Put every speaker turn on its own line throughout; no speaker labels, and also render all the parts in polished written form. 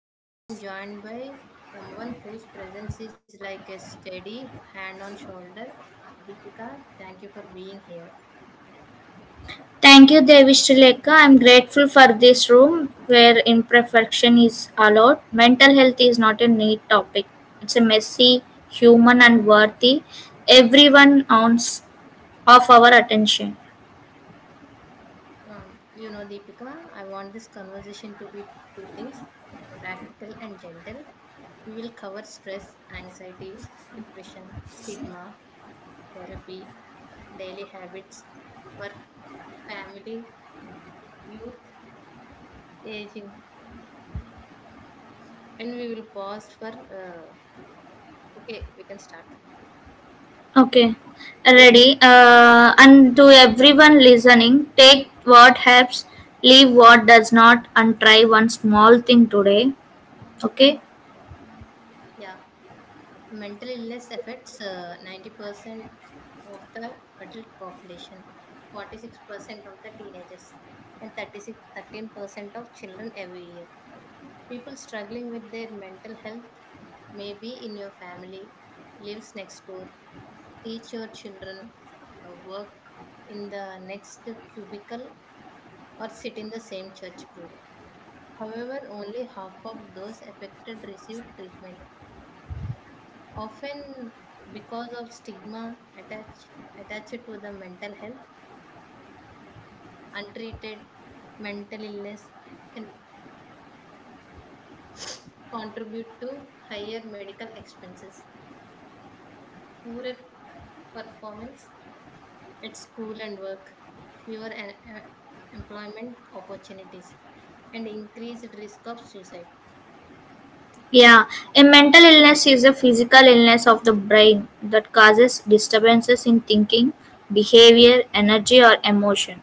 And today I'm joined by someone whose presence is like a steady hand on shoulder. Deepika, thank you for being here.
Thank you, Devi. I'm grateful for this room where imperfection is allowed. Mental health is not a neat topic, it's a messy, human, and worthy. Everyone owns of our attention.
Deepika, I want this conversation to be two things, practical and gentle. We will cover stress, anxiety, depression, stigma, therapy, daily habits, work, family, youth, aging. And we will pause for okay, we can start.
Okay, ready. And to everyone listening, take what helps, leave what does not, and try one small thing today. Okay,
Yeah, mental illness affects 90% of the adult population, 46% of the teenagers, and thirty-six thirteen percent of children every year. People struggling with their mental health may be in your family, lives next door, teach your children, work in the next cubicle, or sit in the same church group. However, only half of those affected receive treatment often because of stigma attached to the mental health. Untreated mental illness can contribute to higher medical expenses, poorer performance at school and work, fewer employment opportunities, and increased risk of suicide.
yeah, a mental illness is a physical illness of the brain that causes disturbances in thinking, behavior, energy, or emotion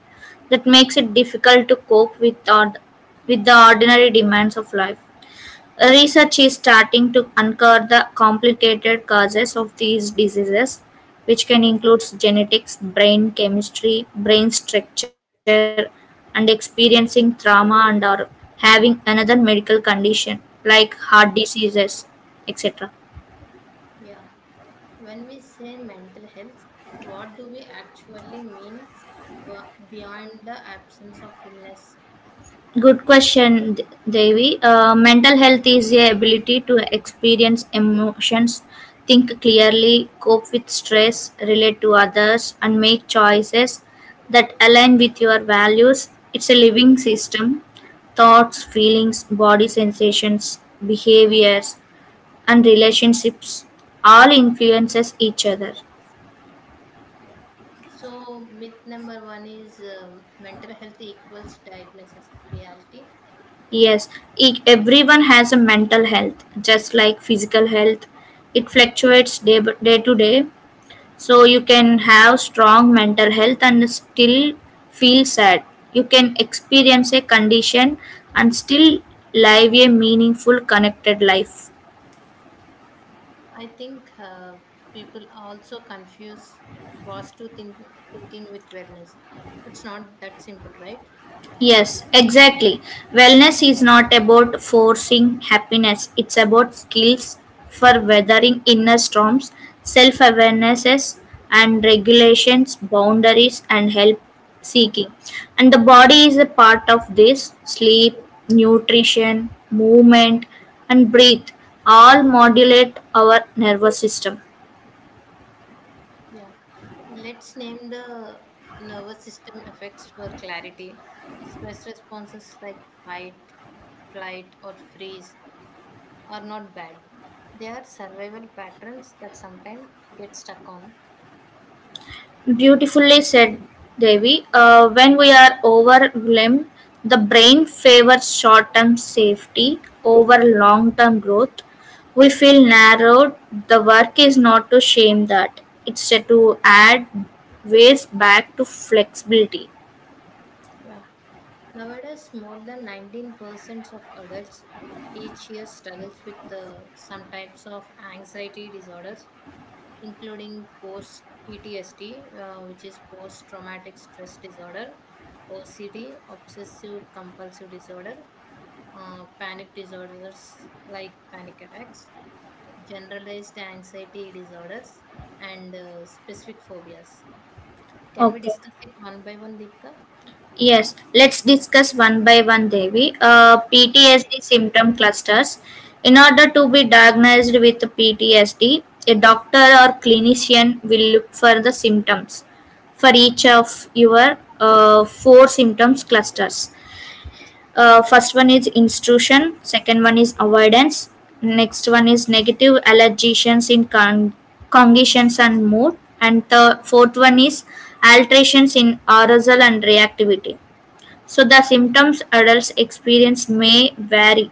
that makes it difficult to cope with, with the ordinary demands of life. Research is starting to uncover the complicated causes of these diseases, which can include genetics, brain chemistry, brain structure, and experiencing trauma and or having another medical condition like heart diseases, etc.
Yeah, when we say mental health, what do we actually mean beyond the absence of illness?
Good question, Devi. Mental health is the ability to experience emotions, think clearly, cope with stress, relate to others, and make choices that align with your values. It's a living system. Thoughts, feelings, body sensations, behaviors, and relationships all influences each other.
Yeah. So myth number one is mental health equals diagnosis reality.
Yes, everyone has a mental health, just like physical health. It fluctuates day to day, so you can have strong mental health and still feel sad. You can experience a condition and still live a meaningful connected life.
I think people also confuse positive thinking with wellness. It's not that simple, right?
Yes, exactly. Wellness is not about forcing happiness, it's about skills for weathering inner storms, self awarenesses and regulations, boundaries, and help seeking. And the body is a part of this: sleep, nutrition, movement, and breathe all modulate our nervous system.
Yeah. Let's name the nervous system effects for clarity. Stress responses like fight, flight, or freeze are not bad. They are survival patterns that sometimes get stuck on.
Beautifully said, Devi. When we are overwhelmed, the brain favors short-term safety over long-term growth. We feel narrowed. The work is not to shame that; it's to add ways back to flexibility.
Yeah. Nowadays, more than 19% of adults each year struggles with some types of anxiety disorders, including post PTSD, which is post traumatic stress disorder, OCD, obsessive compulsive disorder, panic disorders like panic attacks, generalized anxiety disorders, and specific phobias. Can we
Okay.
discuss it one by one, Deepika?
Yes, let's discuss one by one, Devi. PTSD symptom clusters. In order to be diagnosed with PTSD, a doctor or clinician will look for the symptoms for each of your four symptoms clusters. First one is intrusion, second one is avoidance, next one is negative allergies in cognitions and mood, and the fourth one is alterations in arousal and reactivity, so the symptoms adults experience may vary.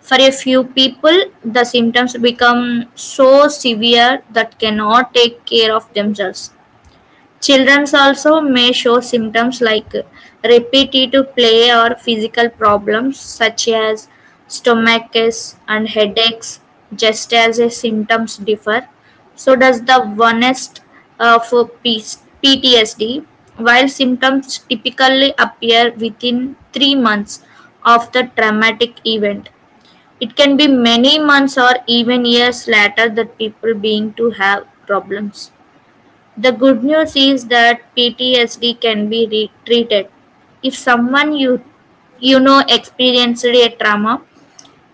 For a few people, the symptoms become so severe that cannot take care of themselves. Children also may show symptoms like repetitive play or physical problems such as stomachaches and headaches, just as the symptoms differ. So does the onset of PTSD. While symptoms typically appear within 3 months of the traumatic event, it can be many months or even years later that people being to have problems. The good news is that PTSD can be treated. If someone you know experienced a trauma,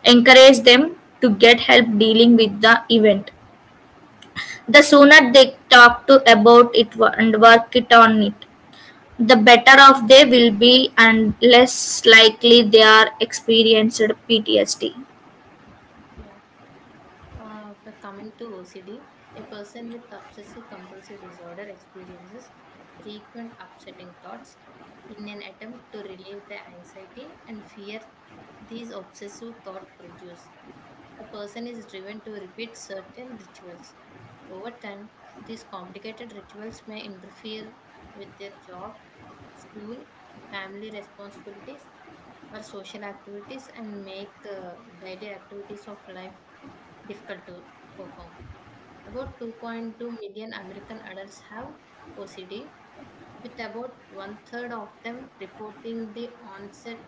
encourage them to get help dealing with the event. The sooner they talk to about and work it on it, the better off they will be and less likely they are experienced PTSD.
Yeah. For coming to OCD, a person with obsessive compulsive disorder experiences frequent upsetting thoughts in an attempt to relieve the anxiety and fear these obsessive thoughts produce. The person is driven to repeat certain rituals. Over time, these complicated rituals may interfere with their job, school, family responsibilities, or social activities, and make daily activities of life difficult to perform. About 2.2 million American adults have OCD, with about one third of them reporting the onset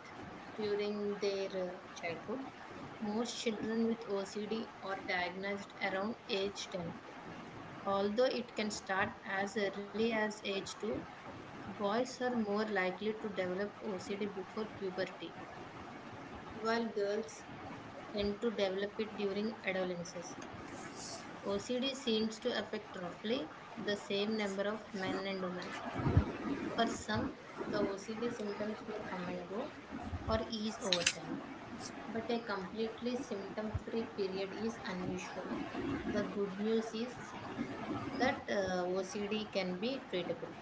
during their childhood. Most children with OCD are diagnosed around age 10. Although it can start as early as age 2, boys are more likely to develop OCD before puberty, while girls tend to develop it during adolescence. OCD seems to affect roughly the same number of men and women. For some, the OCD symptoms may come and go or ease over time, but a completely symptom free period is unusual. The good news is that OCD can be treatable.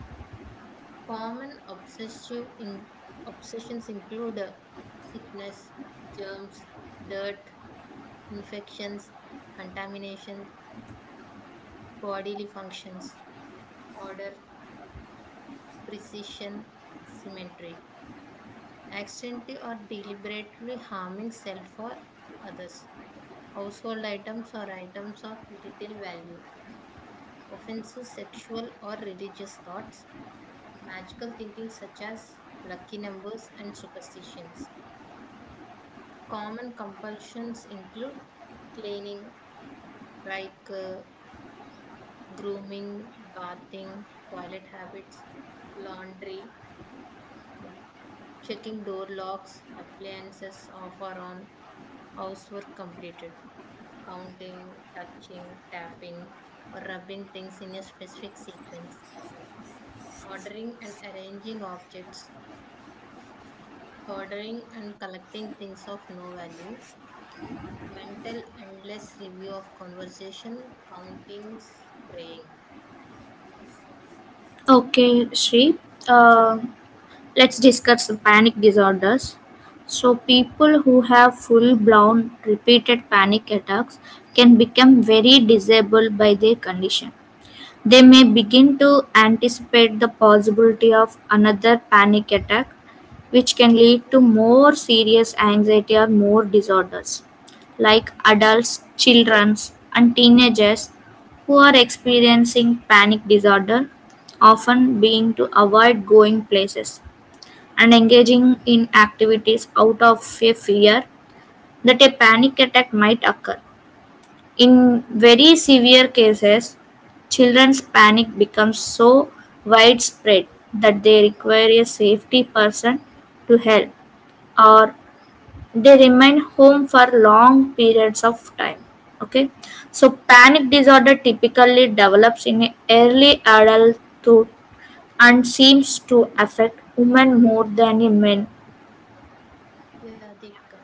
Common obsessions include sickness, germs, dirt, infections, contamination, bodily functions, order, precision, symmetry, accidentally or deliberately harming self or others, household items or items of little value, offensive sexual or religious thoughts, magical thinking such as lucky numbers and superstitions. Common compulsions include cleaning, like grooming, bathing, toilet habits, laundry, yeah, checking door locks, appliances off or on, housework completed, counting, touching, tapping, or rubbing things in a specific sequence, ordering and arranging objects, ordering and collecting things of no value, mental endless review of conversation, counting, spraying.
Okay, Shri. Uh, let's discuss panic disorders. So, people who have full blown repeated panic attacks can become very disabled by their condition. They may begin to anticipate the possibility of another panic attack, which can lead to more serious anxiety or more disorders, like adults, children, and teenagers who are experiencing panic disorder often being to avoid going places and engaging in activities out of a fear that a panic attack might occur. In very severe cases, children's panic becomes so widespread that they require a safety person to help or they remain home for long periods of time. Okay, so panic disorder typically develops in early adulthood and seems to affect women more than in men.
Yeah, Deepika.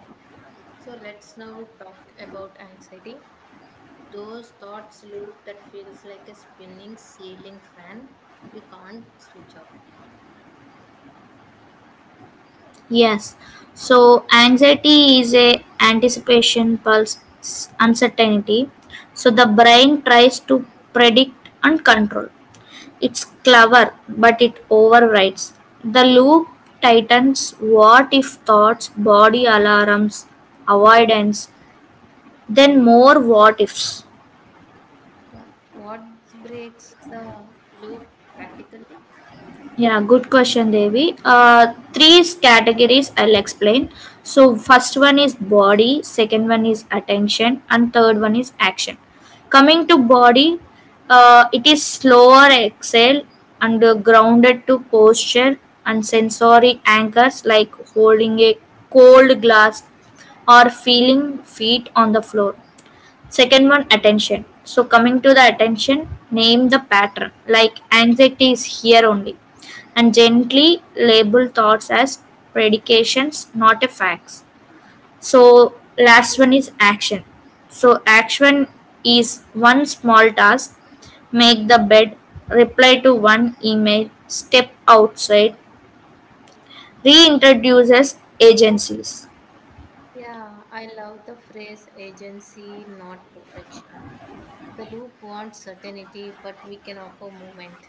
So let's now talk about anxiety. Those thoughts loop that feels like a spinning ceiling fan you can't switch off.
Yes. So anxiety is a anticipation pulse uncertainty. So the brain tries to predict and control. It's clever, but it overrides. The loop tightens what if thoughts, body alarms, avoidance, then more what ifs.
Yeah. What breaks the loop practically?
Yeah, good question, Devi. Three categories I'll explain. So, first one is body, second one is attention, and third one is action. Coming to body, it is slower exhale and grounded to posture and sensory anchors like holding a cold glass or feeling feet on the floor. Second one, attention. So coming to the attention, name the pattern. Like anxiety is here only. And gently label thoughts as predications, not a facts. So last one is action. So action is one small task. Make the bed, reply to one email, step outside, reintroduces agencies.
Yeah, I love the phrase agency, not perfection. The loop wants certainty, but we can offer movement.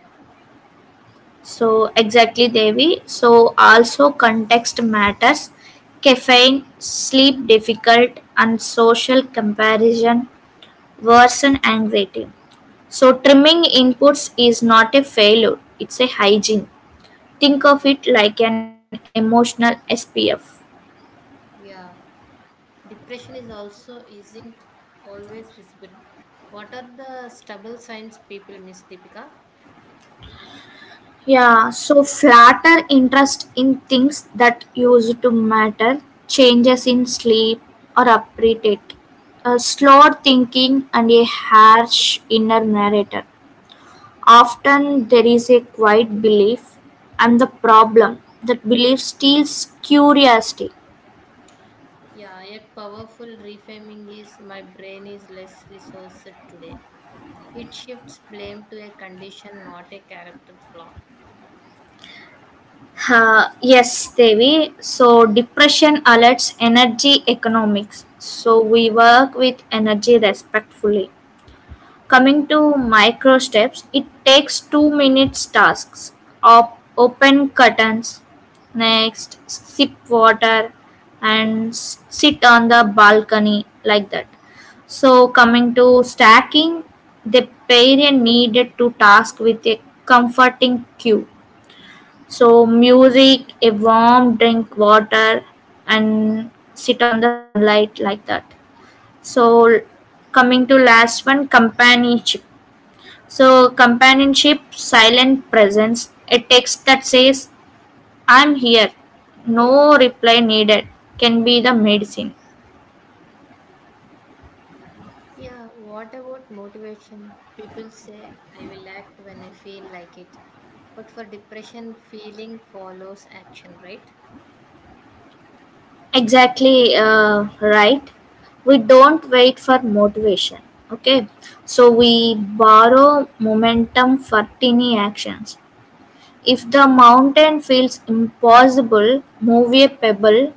So exactly, Devi. So also context matters. Caffeine, sleep difficult, and social comparison worsen anxiety. So trimming inputs is not a failure; it's a hygiene. Think of it like an emotional SPF.
Yeah. Depression is also isn't always visible. What are the stubble signs people miss, Deepika?
Yeah, so flatter interest in things that used to matter, changes in sleep or appetite, slower thinking, and a harsh inner narrator. Often there is a quiet belief I'm the problem. That belief steals curiosity.
Yeah, a powerful reframing is my brain is less resourced today. It shifts blame to a condition, not a character flaw.
Yes, Devi. So, depression alerts energy economics. So, we work with energy respectfully. Coming to micro steps, it takes 2 minutes tasks. Open curtains, next sip water and sit on the balcony like that. So coming to stacking, the parent needed to task with a comforting cue. So music, a warm drink, water, and sit on the sunlight like that. So coming to last one, companionship. So, companionship, silent presence, a text that says, I'm here, no reply needed, can be the medicine.
Yeah, what about motivation? People say, I will act when I feel like it. But for depression, feeling follows action, right?
Exactly, right. We don't wait for motivation. Okay. So, we borrow momentum for tiny actions. If the mountain feels impossible, move a pebble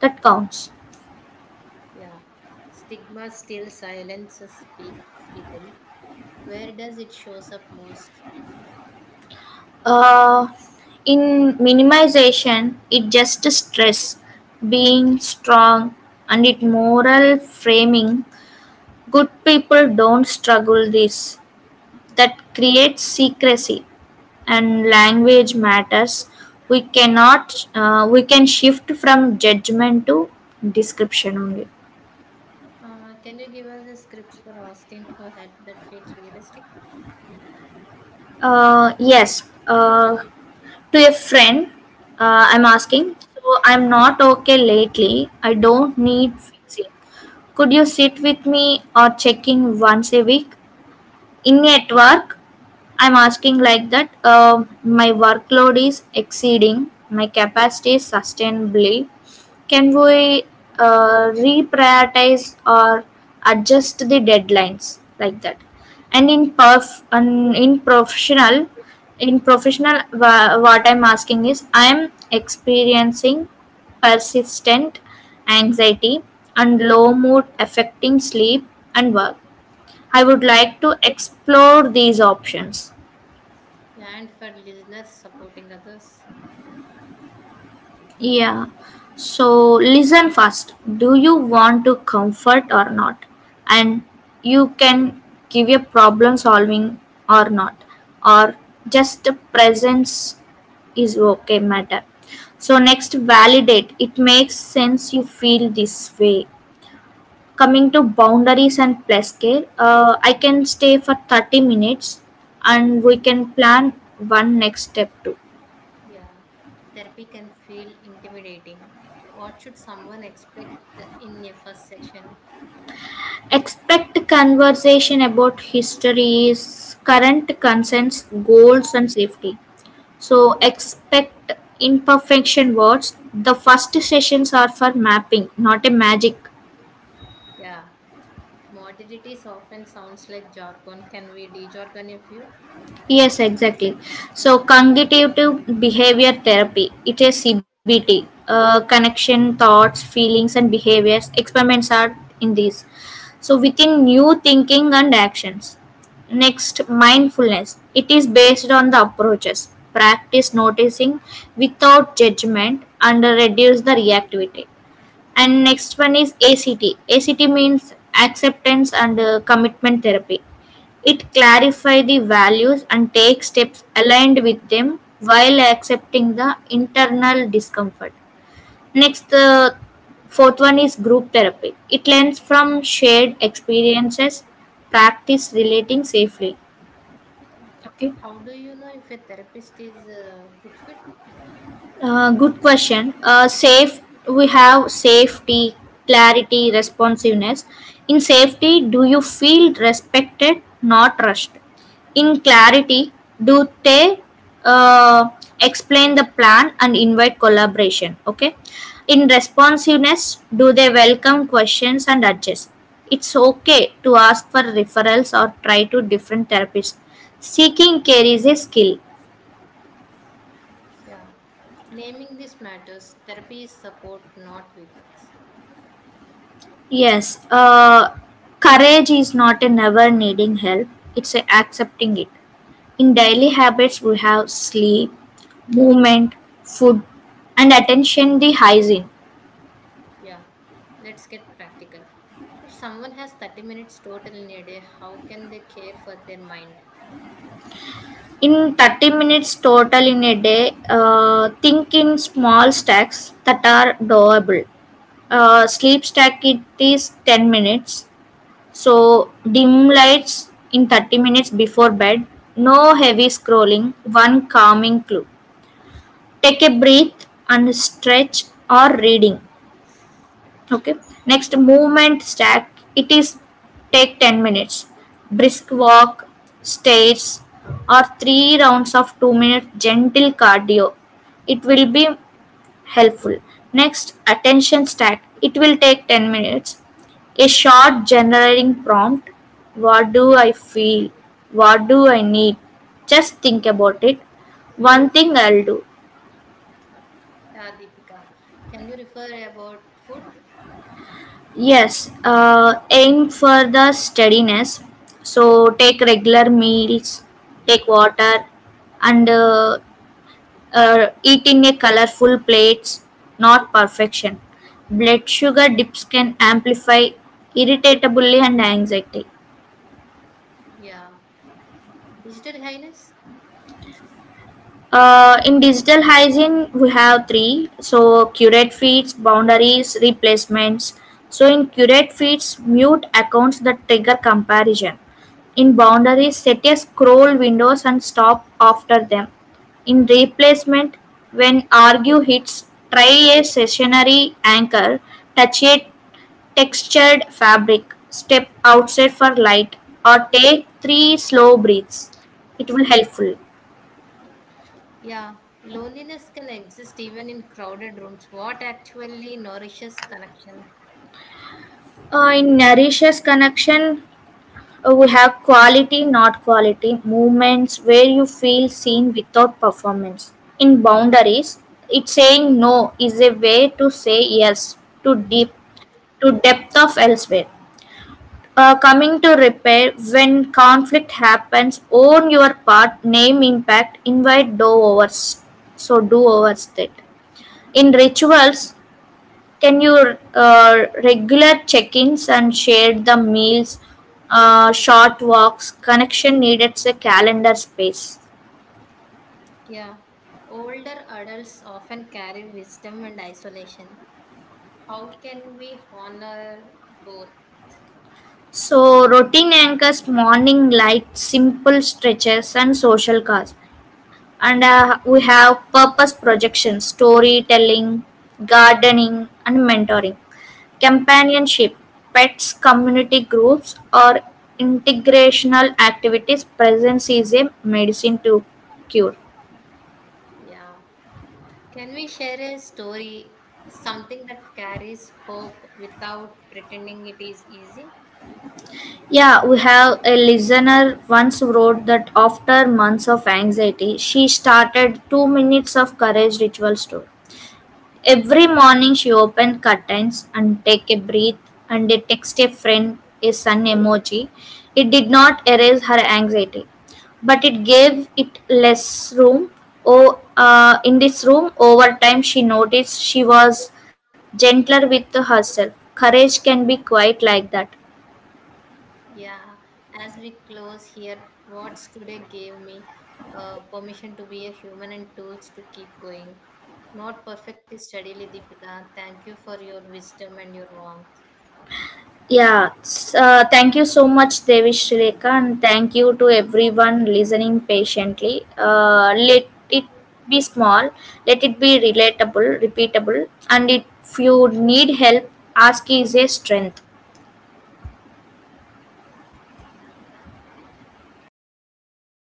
that counts.
Yeah. Stigma still silences people. Where does it shows up most?
Uh, in minimization, it just stress being strong and it moral framing. Good people don't struggle this. That creates secrecy and language matters. We cannot. We can shift from judgment to description only.
Can you give us a script for asking for help that feels realistic?
Yes. To a friend, I'm asking. So I'm not okay lately. I don't need fixing. Could you sit with me or check in once a week? In at work? I'm asking like that. My workload is exceeding my capacity sustainably. Can we reprioritize or adjust the deadlines like that? And in perf and in professional, what I'm asking is I'm experiencing persistent anxiety and low mood affecting sleep and work. I would like to explore these options.
Yeah, and for listeners supporting others,
Yeah. So listen first. Do you want to comfort or not? And you can give a problem solving or not, or just the presence is okay matter. So next, validate. It makes sense you feel this way. Coming to boundaries and play scale, I can stay for 30 minutes and we can plan one next step too.
yeah, therapy can feel intimidating. What should someone expect in a first session?
Expect conversation about histories, current concerns, goals, and safety. So, expect imperfection words. The first sessions are for mapping, not a magic.
Yeah, modalities often sounds like jargon. Can we de-jargon a few?
Yes, exactly. So, cognitive behavior therapy, it is CBT. Connection, thoughts, feelings, and behaviors. Experiments are in these. So within new thinking and actions. Next, mindfulness, it is based on the approaches practice noticing without judgment and reduce the reactivity. And next one is act. Act means acceptance and commitment therapy. It clarify the values and take steps aligned with them while accepting the internal discomfort. Next, the fourth one is group therapy. It learns from shared experiences, practice relating safely. Okay.
How do you know if a therapist is a good fit?
Good question. Safe, we have safety, clarity, responsiveness. In safety, do you feel respected, not rushed? In clarity, do they uh, explain the plan and invite collaboration? Okay. In responsiveness, do they welcome questions and adjust? It's okay to ask for referrals or try to different therapists. Seeking care is a skill.
Yeah, naming this matters. Therapy is support, not weakness.
Yes, courage is not a never needing help, it's a accepting it. In daily habits, we have sleep, movement, food, and attention the hygiene.
Yeah, let's get practical. If someone has 30 minutes total in a day, how can they care for their mind?
In 30 minutes total in a day, think in small stacks that are doable. Sleep stack it is 10 minutes, so dim lights in 30 minutes before bed, no heavy scrolling, one calming clue, take a breath and stretch or reading. Okay, next, movement stack, it is take 10 minutes brisk walk, stairs, or three rounds of 2 minutes gentle cardio. It will be helpful. Next attention stack, it will take 10 minutes, a short generating prompt. What do I feel? What do I need? Just think about it. One thing I'll do.
Yeah, Deepika. Can you refer about food?
Yes, aim for the steadiness. So take regular meals, take water, and eat in a colorful plates, not perfection. Blood sugar dips can amplify irritability and anxiety.
Yeah. Digital highness?
In digital hygiene, we have three. So, curate feeds, boundaries, replacements. So, in curate feeds, mute accounts that trigger comparison. In boundaries, set a scroll windows and stop after them. In replacement, when argue hits, try a stationary anchor, touch a textured fabric, step outside for light, or take three slow breaths. It will helpful.
Yeah. Loneliness can exist even in crowded rooms. What actually nourishes connection?
In nourishes connection, we have quality, not quality, movements where you feel seen without performance. In boundaries, it's saying no is a way to say yes to deep to depth of elsewhere. Coming to repair, when conflict happens, own your part, name impact, invite do overs. So do overs that. In rituals, can you uh, regular check-ins and share the meals, short walks, connection needed a calendar space.
Yeah. Older adults often carry wisdom and isolation. How can we honor both?
So routine anchors, morning light, simple stretches, and social cause. And we have purpose projection, storytelling, gardening, and mentoring, companionship, pets, community groups, or integrational activities. Presence is a medicine to cure.
Yeah. Can we share a story, something that carries hope without pretending it is easy?
Yeah, we have a listener once wrote that after months of anxiety, she started 2 minutes of courage ritual store. Every morning, she opened curtains and take a breath and they text a friend a sun emoji. It did not erase her anxiety, but it gave it less room. Oh, in this room, over time, she noticed she was gentler with herself. Courage can be quite like that.
Yeah, as we close here, what's today gave me permission to be a human and tools to keep going. Not perfectly steadily, Deepika. Thank you for your wisdom and your warmth.
Yeah, thank you so much, Devi Shrileka, and thank you to everyone listening patiently. Let it be small, let it be relatable, repeatable, and if you need help, ask.